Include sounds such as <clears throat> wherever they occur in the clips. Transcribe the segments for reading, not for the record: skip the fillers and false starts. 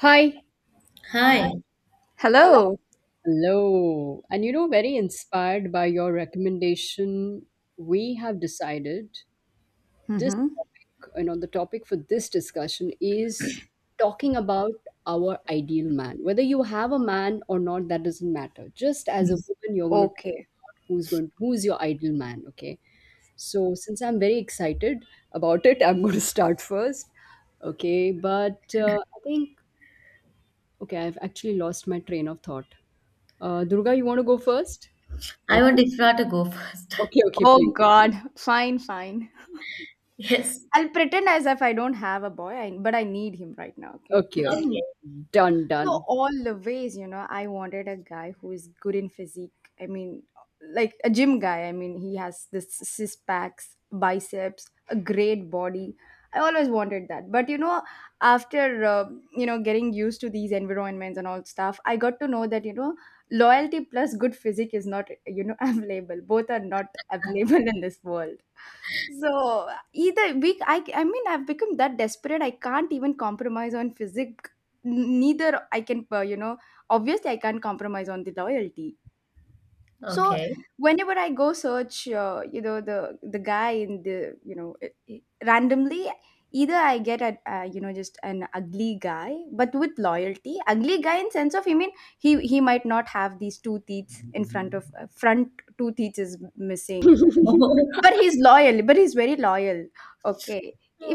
Hi. Hi, Hello. Hello. Very inspired by your recommendation, we have decided this Mm-hmm. topic. The topic for this discussion is talking about our ideal man. Whether you have a man or not, that doesn't matter. Just as a woman, you're going to Okay. Who's your ideal man, okay? So since I'm very excited about it, <laughs> I'm going to start first. Okay, but I think okay, I've actually lost my train of thought. Durga, you want to go first? Let I me want Ifra to go first. <laughs> okay, okay, Oh please. God. Fine, fine. Yes, I'll pretend as if I don't have a boy, but I need him right now. Okay. Okay, okay. Done, So done. all the ways, you know, I wanted a guy who is good in physique. I mean, like a gym guy. I mean, he has this six packs, biceps, a great body. I always wanted that. But you know, after you know getting used to these environments and all stuff, I got to know that you know loyalty plus good physique is not, you know, <laughs> available. Both are not <laughs> available in this world. So either we, I mean, I've become that desperate. I can't even compromise on physique, neither I can, you know, obviously I can't compromise on the loyalty. okay, So okay. whenever I go search, you know, the guy in the, you know, randomly, either I get a, you know, just an ugly guy, but with loyalty. Ugly guy in sense of, I mean, he might not have these two teeth in front of, front two teeth is missing, <laughs> but <laughs> he's loyal, but he's very loyal. Okay,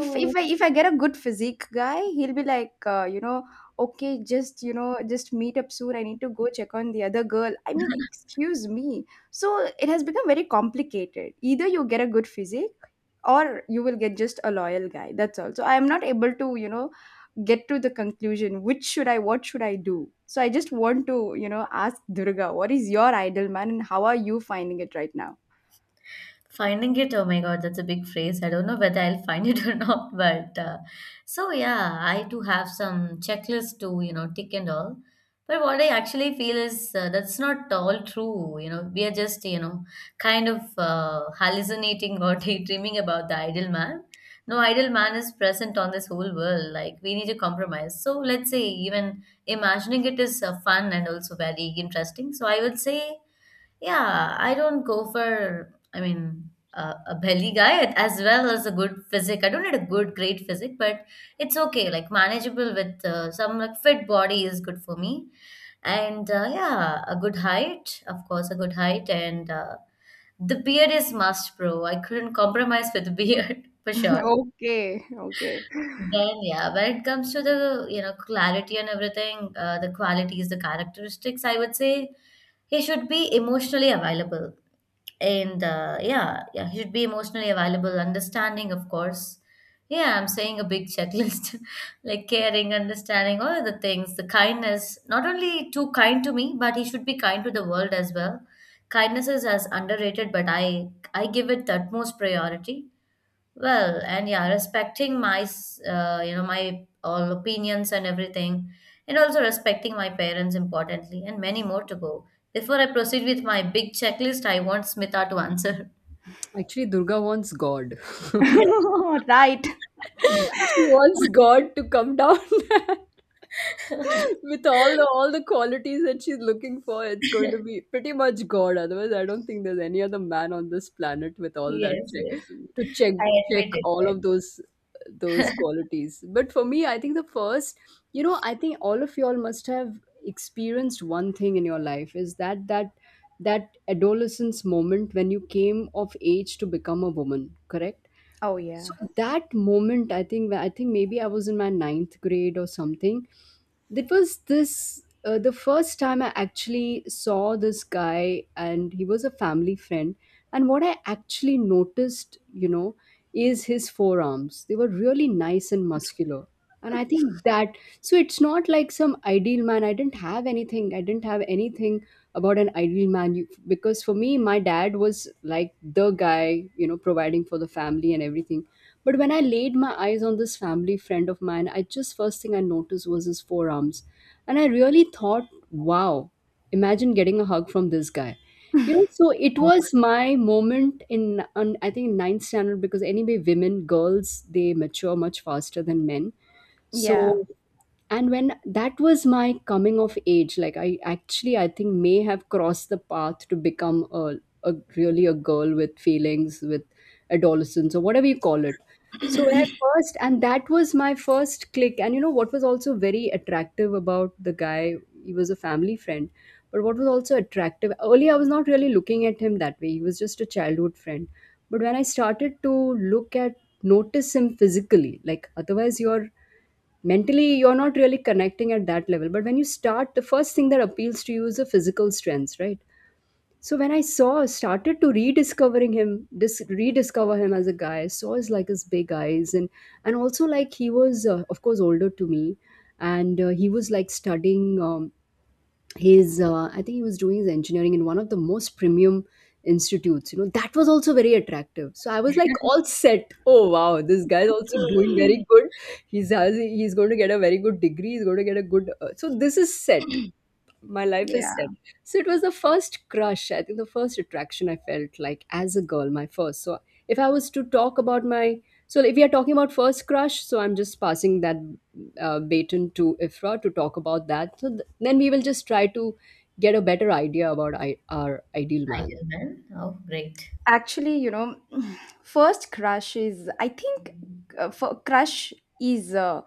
if if i if i get a good physique guy, he'll be like, you know, okay, just, you know, just meet up soon, I need to go check on the other girl. I mean, excuse me. So it has become very complicated. Either you get a good physique or you will get just a loyal guy, that's all. So I am not able to, you know, get to the conclusion which should I, what should I do. So I just want to, you know, ask Durga, what is your ideal man and how are you finding it right now? finding it, oh my God, that's a big phrase. I don't know whether I'll find it <laughs> or not, but so yeah, I do have some checklists to, you know, tick and all. But what I actually feel is that's not all true. You know, we are just, you know, kind of hallucinating or <laughs> daydreaming about the ideal man. No ideal man is present on this whole world. Like, we need to compromise. So let's say even imagining it is fun and also very interesting. So I would say yeah, I don't go for, I mean, a belly guy as well as a good physique. I don't need a good, great physique, but it's okay. Like manageable with some like fit body is good for me. And yeah, a good height, of course, a good height. And the beard is must, bro. I couldn't compromise with the beard <laughs> for sure. Okay, okay. Then yeah, when it comes to the you know clarity and everything, the qualities, the characteristics, I would say he should be emotionally available and yeah, he should be emotionally available, understanding, of course. Yeah, I'm saying a big checklist <laughs> like caring, understanding, all of the things, the kindness, not only too kind to me, but he should be kind to the world as well. Kindness is as underrated, but I give it the utmost priority. Well, and yeah, respecting my, you know, my all opinions and everything, and also respecting my parents importantly, and many more to go. Before I proceed with my big checklist, I want Smita to answer. Actually, Durga wants God. <laughs> <laughs> Right. She wants <laughs> God to come down. <laughs> With all the qualities that she's looking for, it's going to be pretty much God. Otherwise, I don't think there's any other man on this planet with all that Yes, yes. to check I check admit all it. of those Right? <laughs> qualities. But for me, I think the first, you know, I think all of y'all must have experienced one thing in your life is that adolescence moment when you came of age to become a woman, correct? Oh So yeah. that moment, I think maybe I was in my ninth grade or something. That was this the first time I actually saw this guy, and he was a family friend. And what I actually noticed, you know, is his forearms. They were really nice and muscular, and I think that so it's not like some ideal man. I didn't have anything about an ideal man, you, because for me my dad was like the guy, you know, providing for the family and everything. But when I laid my eyes on this family friend of mine, I just, first thing I noticed was his forearms, and I really thought, wow, imagine getting a hug from this guy. You know, so it Oh, was my moment I think ninth standard, because anyway women, girls, they mature much faster than men. So Yeah. and when that was my coming of age, like I actually, I think, may have crossed the path to become a really a girl with feelings, with adolescence or whatever you call it. So I first, and that was my first click. And you know what was also very attractive about the guy, he was a family friend. But what was also attractive, earlier I was not really looking at him that way, he was just a childhood friend. But when I started to look at notice him physically, like otherwise you're mentally you're not really connecting at that level, but when you start, the first thing that appeals to you is the physical strength, right? So when I saw started to rediscover him as a guy, I saw his, like his big eyes, and also like he was, of course older to me. And he was like studying, his I think he was doing his engineering in one of the most premium institutes, you know. That was also very attractive, so I was like, all set, oh wow, this guy's also doing very <gasps> good. He's going to get a very good degree, he's going to get a good so this is set, my life is Yeah. set. So it was the first crush. I think the first attraction I felt like as a girl, my first. So if I was to talk about so if we are talking about first crush, so I'm just passing that baton to Ifra to talk about that. So then we will just try to get a better idea about our ideal man. idle man. Oh, great. Actually, you know, <sighs> <clears throat> first crush is, I think, for crush is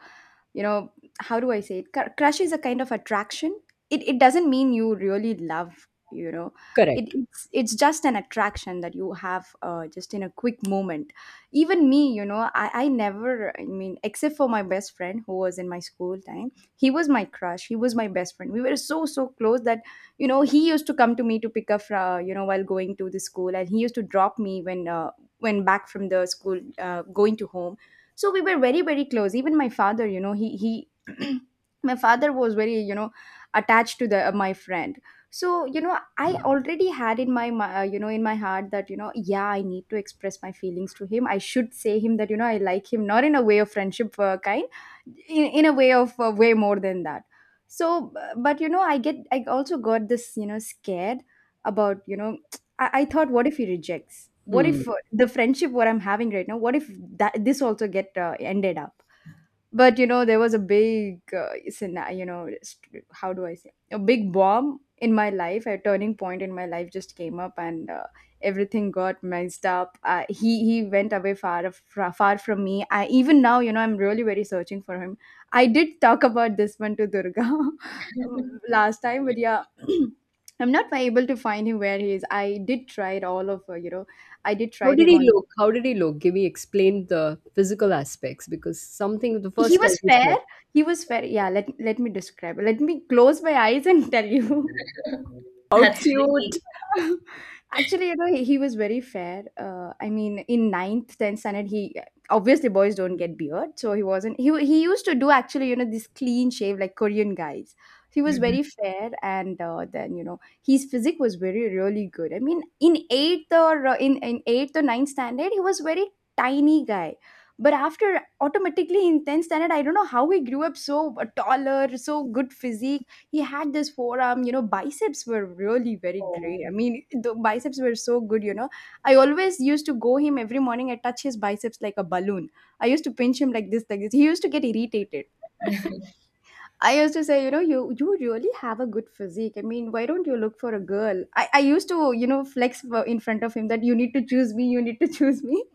you know how do I say it Cr- crush is a kind of attraction. It doesn't mean you really love, you know, it, Correct. it's it's just an attraction that you have, just in a quick moment. Even me, you know, I never, I mean, except for my best friend who was in my school time. He was my crush, he was my best friend. We were so so close that, you know, he used to come to me to pick up, you know, while going to the school, and he used to drop me when, when back from the school, going to home. So we were very very close. Even my father, you know, he <clears throat> my father was very, you know, attached to the, my friend. So, you know, I already had in my you know, in my heart that, you know, yeah, I need to express my feelings to him. I should say him that, you know, I like him, not in a way of friendship, kind. In a way of, way more than that. So, but you know, I also got this, you know, scared about, you know, <tsk> I thought what if he rejects? What Hmm. if, the friendship what I'm having right now, what if that this also get, ended up? But you know, there was a big, scena- you know st- how do I say a big bomb in my life, a turning point in my life just came up, and, everything got messed up. He went away far, far from me. I even now, you know, I'm really very searching for him. I did talk about this one to Durga <laughs> <laughs> last time, but yeah, <clears throat> I'm not able to find him, where he is. I did try it all over, you know, I did How try did him he on. look? How did he look? Give me, explain the physical aspects, because something the He first as was you fair. said. He was fair. Yeah, let let me describe. Let me close my eyes and <laughs> tell you. How That's cute. pretty. <laughs> Actually, you know, he was very fair. I mean, in ninth, tenth standard, he obviously, boys don't get beard, so he wasn't. He used to do, actually, you know, this clean shave like Korean guys. He was Mhm. very fair, and, then you know, his physique was very really good. I mean, in in eighth or ninth standard, he was very tiny guy. But after, automatically, in tenth standard, I don't know how he grew up so, taller, so good physique. He had this forearm, you know, biceps were really very great. I Oh. mean, the biceps were so good, you know, I always used to go him every morning, I touch his biceps like a balloon. I used to pinch him like this, like this, he used to get irritated. <laughs> I used to say, you know, you really have a good physique. I mean, why don't you look for a girl? I used to, you know, flex for, in front of him, that you need to choose me, you need to choose me. <laughs>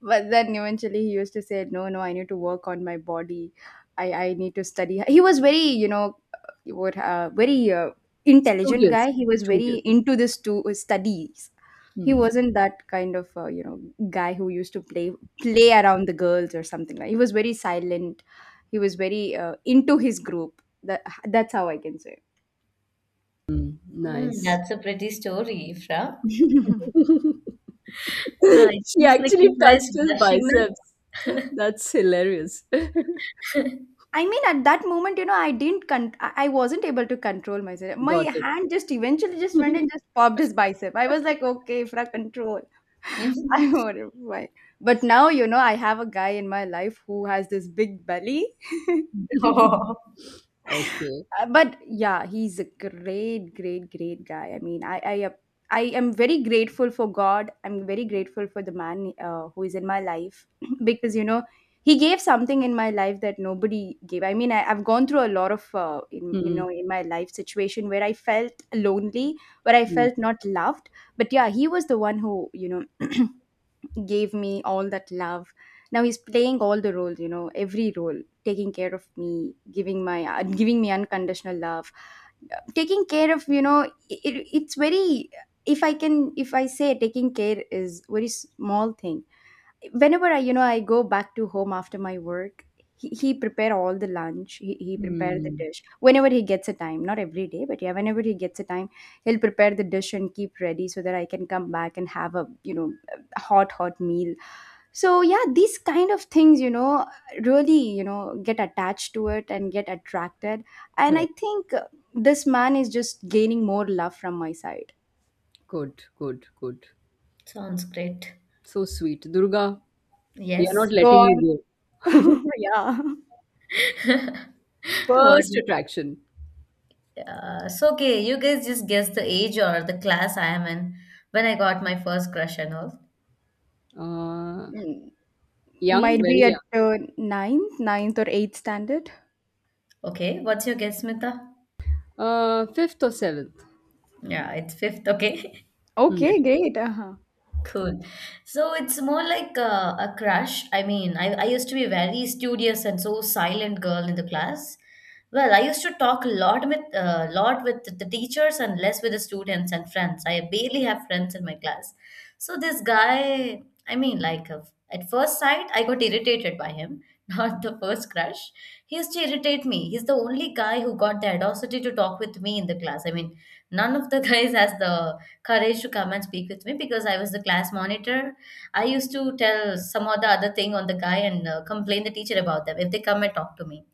But then eventually he used to say, no, no, I need to work on my body. I need to study. He was very, you know, what very intelligent Studious. guy. He was very Studious. into this to, studies. He Hmm. wasn't that kind of, you know, guy who used to play around the girls or something like. He was very silent, he was very, into his group, that's how I can say. Mm, Mm, nice. that's a pretty story, Ifra. <laughs> <laughs> Ah, it She seems like actually Ifra touched is his blushing biceps. now. That's hilarious. I mean, at that moment, you know, I wasn't able to control myself. My Got it. hand just eventually just went and just <laughs> popped his bicep. I was like, okay, for control. <laughs> I <laughs> don't know why, but now, you know, I have a guy in my life who has this big belly. <laughs> Oh, Okay. But yeah, he's a great, great, great guy. I mean, I am very grateful for God. I'm very grateful for the man, who is in my life, <clears throat> because you know, he gave something in my life that nobody gave. I mean, I, I've gone through a lot of, in, you Hmm. know, in my life situation where I felt lonely, where I Hmm. felt not loved. But yeah, he was the one who, you know, <clears throat> gave me all that love. Now he's playing all the roles, you know, every role, taking care of me, giving my, giving me unconditional love, taking care of, you know. It, it's very, if I can, if I say taking care is very small thing, whenever I, you know, I go back to home after my work, he prepare all the lunch. He prepare the Hmm. dish whenever he gets a time. Not every day, but yeah, whenever he gets a time, he'll prepare the dish and keep ready so that I can come back and have a, you know, a hot hot meal. So yeah, these kind of things, you know, really, you know, get attached to it and get attracted. And I Correct. think, this man is just gaining more love from my side. Good, good, good. <laughs> sounds great. So sweet. Durga, we are not Yes. Go letting on. you go. <laughs> <laughs> Yeah. What? First attraction. So okay, you guys just guess the age or the class I am in when I got my first crush and all. Uh, young, Might very be young. at, ninth or eighth standard. Okay, what's your guess, Mita? Fifth or seventh. Yeah, it's fifth. Okay. <laughs> Hmm. Okay, great. Uh-huh. Cool. So it's more like a crush. I mean, I used to be very studious and so silent girl in the class. Well, I used to talk a lot with the teachers and less with the students and friends. I barely have friends in my class. So this guy, I mean, at first sight, I got irritated by him. <laughs> Not the first crush. He used to irritate me. He's the only guy who got the audacity to talk with me in the class. I mean, none of the <laughs> guys has the courage to come and speak with me because I was the class monitor. I used to tell some or the other thing on the guy and complain the teacher about them if they come and talk to me.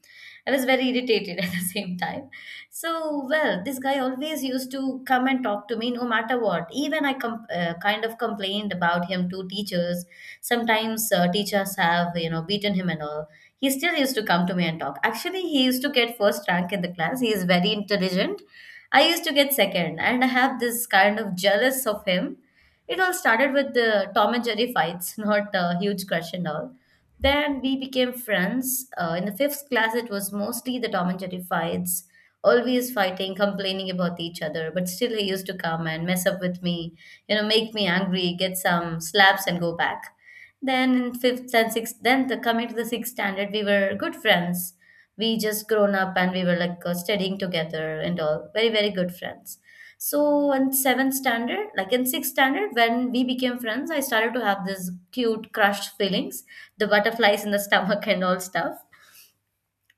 I was very irritated <laughs> at the same time. So, well, this guy always used to come and talk to me no matter what. Even I kind of complained about him to teachers. Sometimes teachers have, you know, beaten him and all. He still used to come to me and talk. Actually, he used to get first rank in the class. He is very intelligent. I used to get second, and I have this kind of jealous of him. It all started with the Tom and Jerry fights, <laughs> not a huge crush and all. Then we became friends. In the fifth class, it was mostly the Tom and Jerry fights, always fighting, complaining about each other. But still, he used to come and mess up with me, you know, make me angry, get some slaps, and go back. Then in fifth and sixth, then coming to the sixth standard, we were good friends. We just grown up and we were like studying together and all very very good friends. So in seventh standard, like in sixth standard when we became friends, I started to have this cute crushed feelings, the butterflies in the <laughs> stomach and all stuff.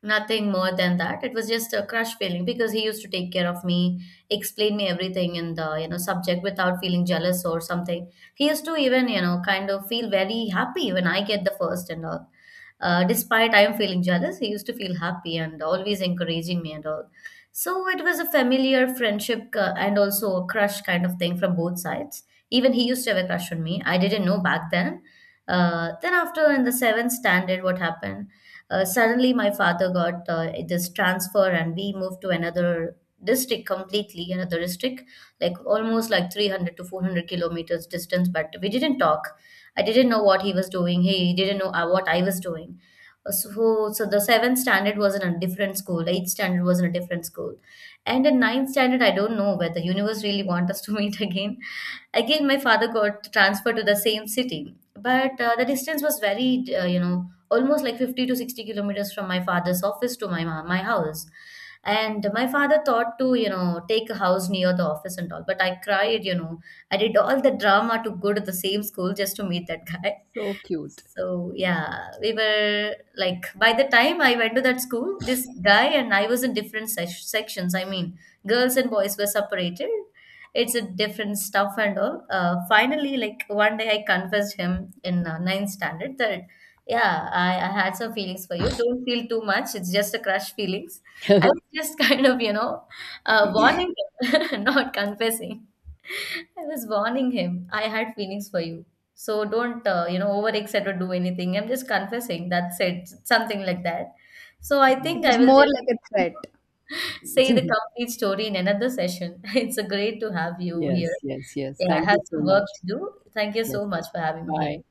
Nothing more than that. It was just a crush feeling because he used to take care of me, explain me everything in the, you know, subject without feeling jealous or something. He used to even, you know, kind of feel very happy when I get the first and all. Despite I am feeling jealous, he used to feel happy and always encouraging me and all. So it was a familiar friendship and also a crush kind of thing from both sides. Even he used to have a crush on me. I didn't know back then. Then after in the seventh standard, what happened? Suddenly, my father got this transfer, and we moved to another district completely, another district, like almost like 300 to 400 kilometers distance. But we didn't talk. I didn't know what he was doing. He didn't know what I was doing. So, so the seventh standard was in a different school. Eighth standard was in a different school, and in ninth standard, I don't know whether universe really want us to <laughs> meet again. Again, my father got transferred to the same city, but the distance was very, you know, almost like 50 to 60 kilometers from my father's office to my my house. And my father thought to, you know, take a house near the office and all, but I cried, you know, I did all the drama to go to the same school just to meet that guy. So cute. So yeah, we were like by the time I went to that school, this guy and I was in different sections. I mean, girls and boys were separated. It's a different stuff and all. Finally, like one day, I confessed him in ninth standard that yeah, I had some feelings for you. Don't feel too much. It's just a crush feelings. <laughs> Yes, I was just <laughs> kind of you know warning him, <laughs> not confessing. I was warning him. I had feelings for you. So don't, you know, overexcite or do anything. I'm just confessing. That's it. Something like that. So I It think I was will more just like a threat. <laughs> say the complete story in another session. <laughs> It's a great to have you here. yes, yes. Yeah, I Thank you have so some work much. to do. Thank you Yes. so much for having me here. Bye.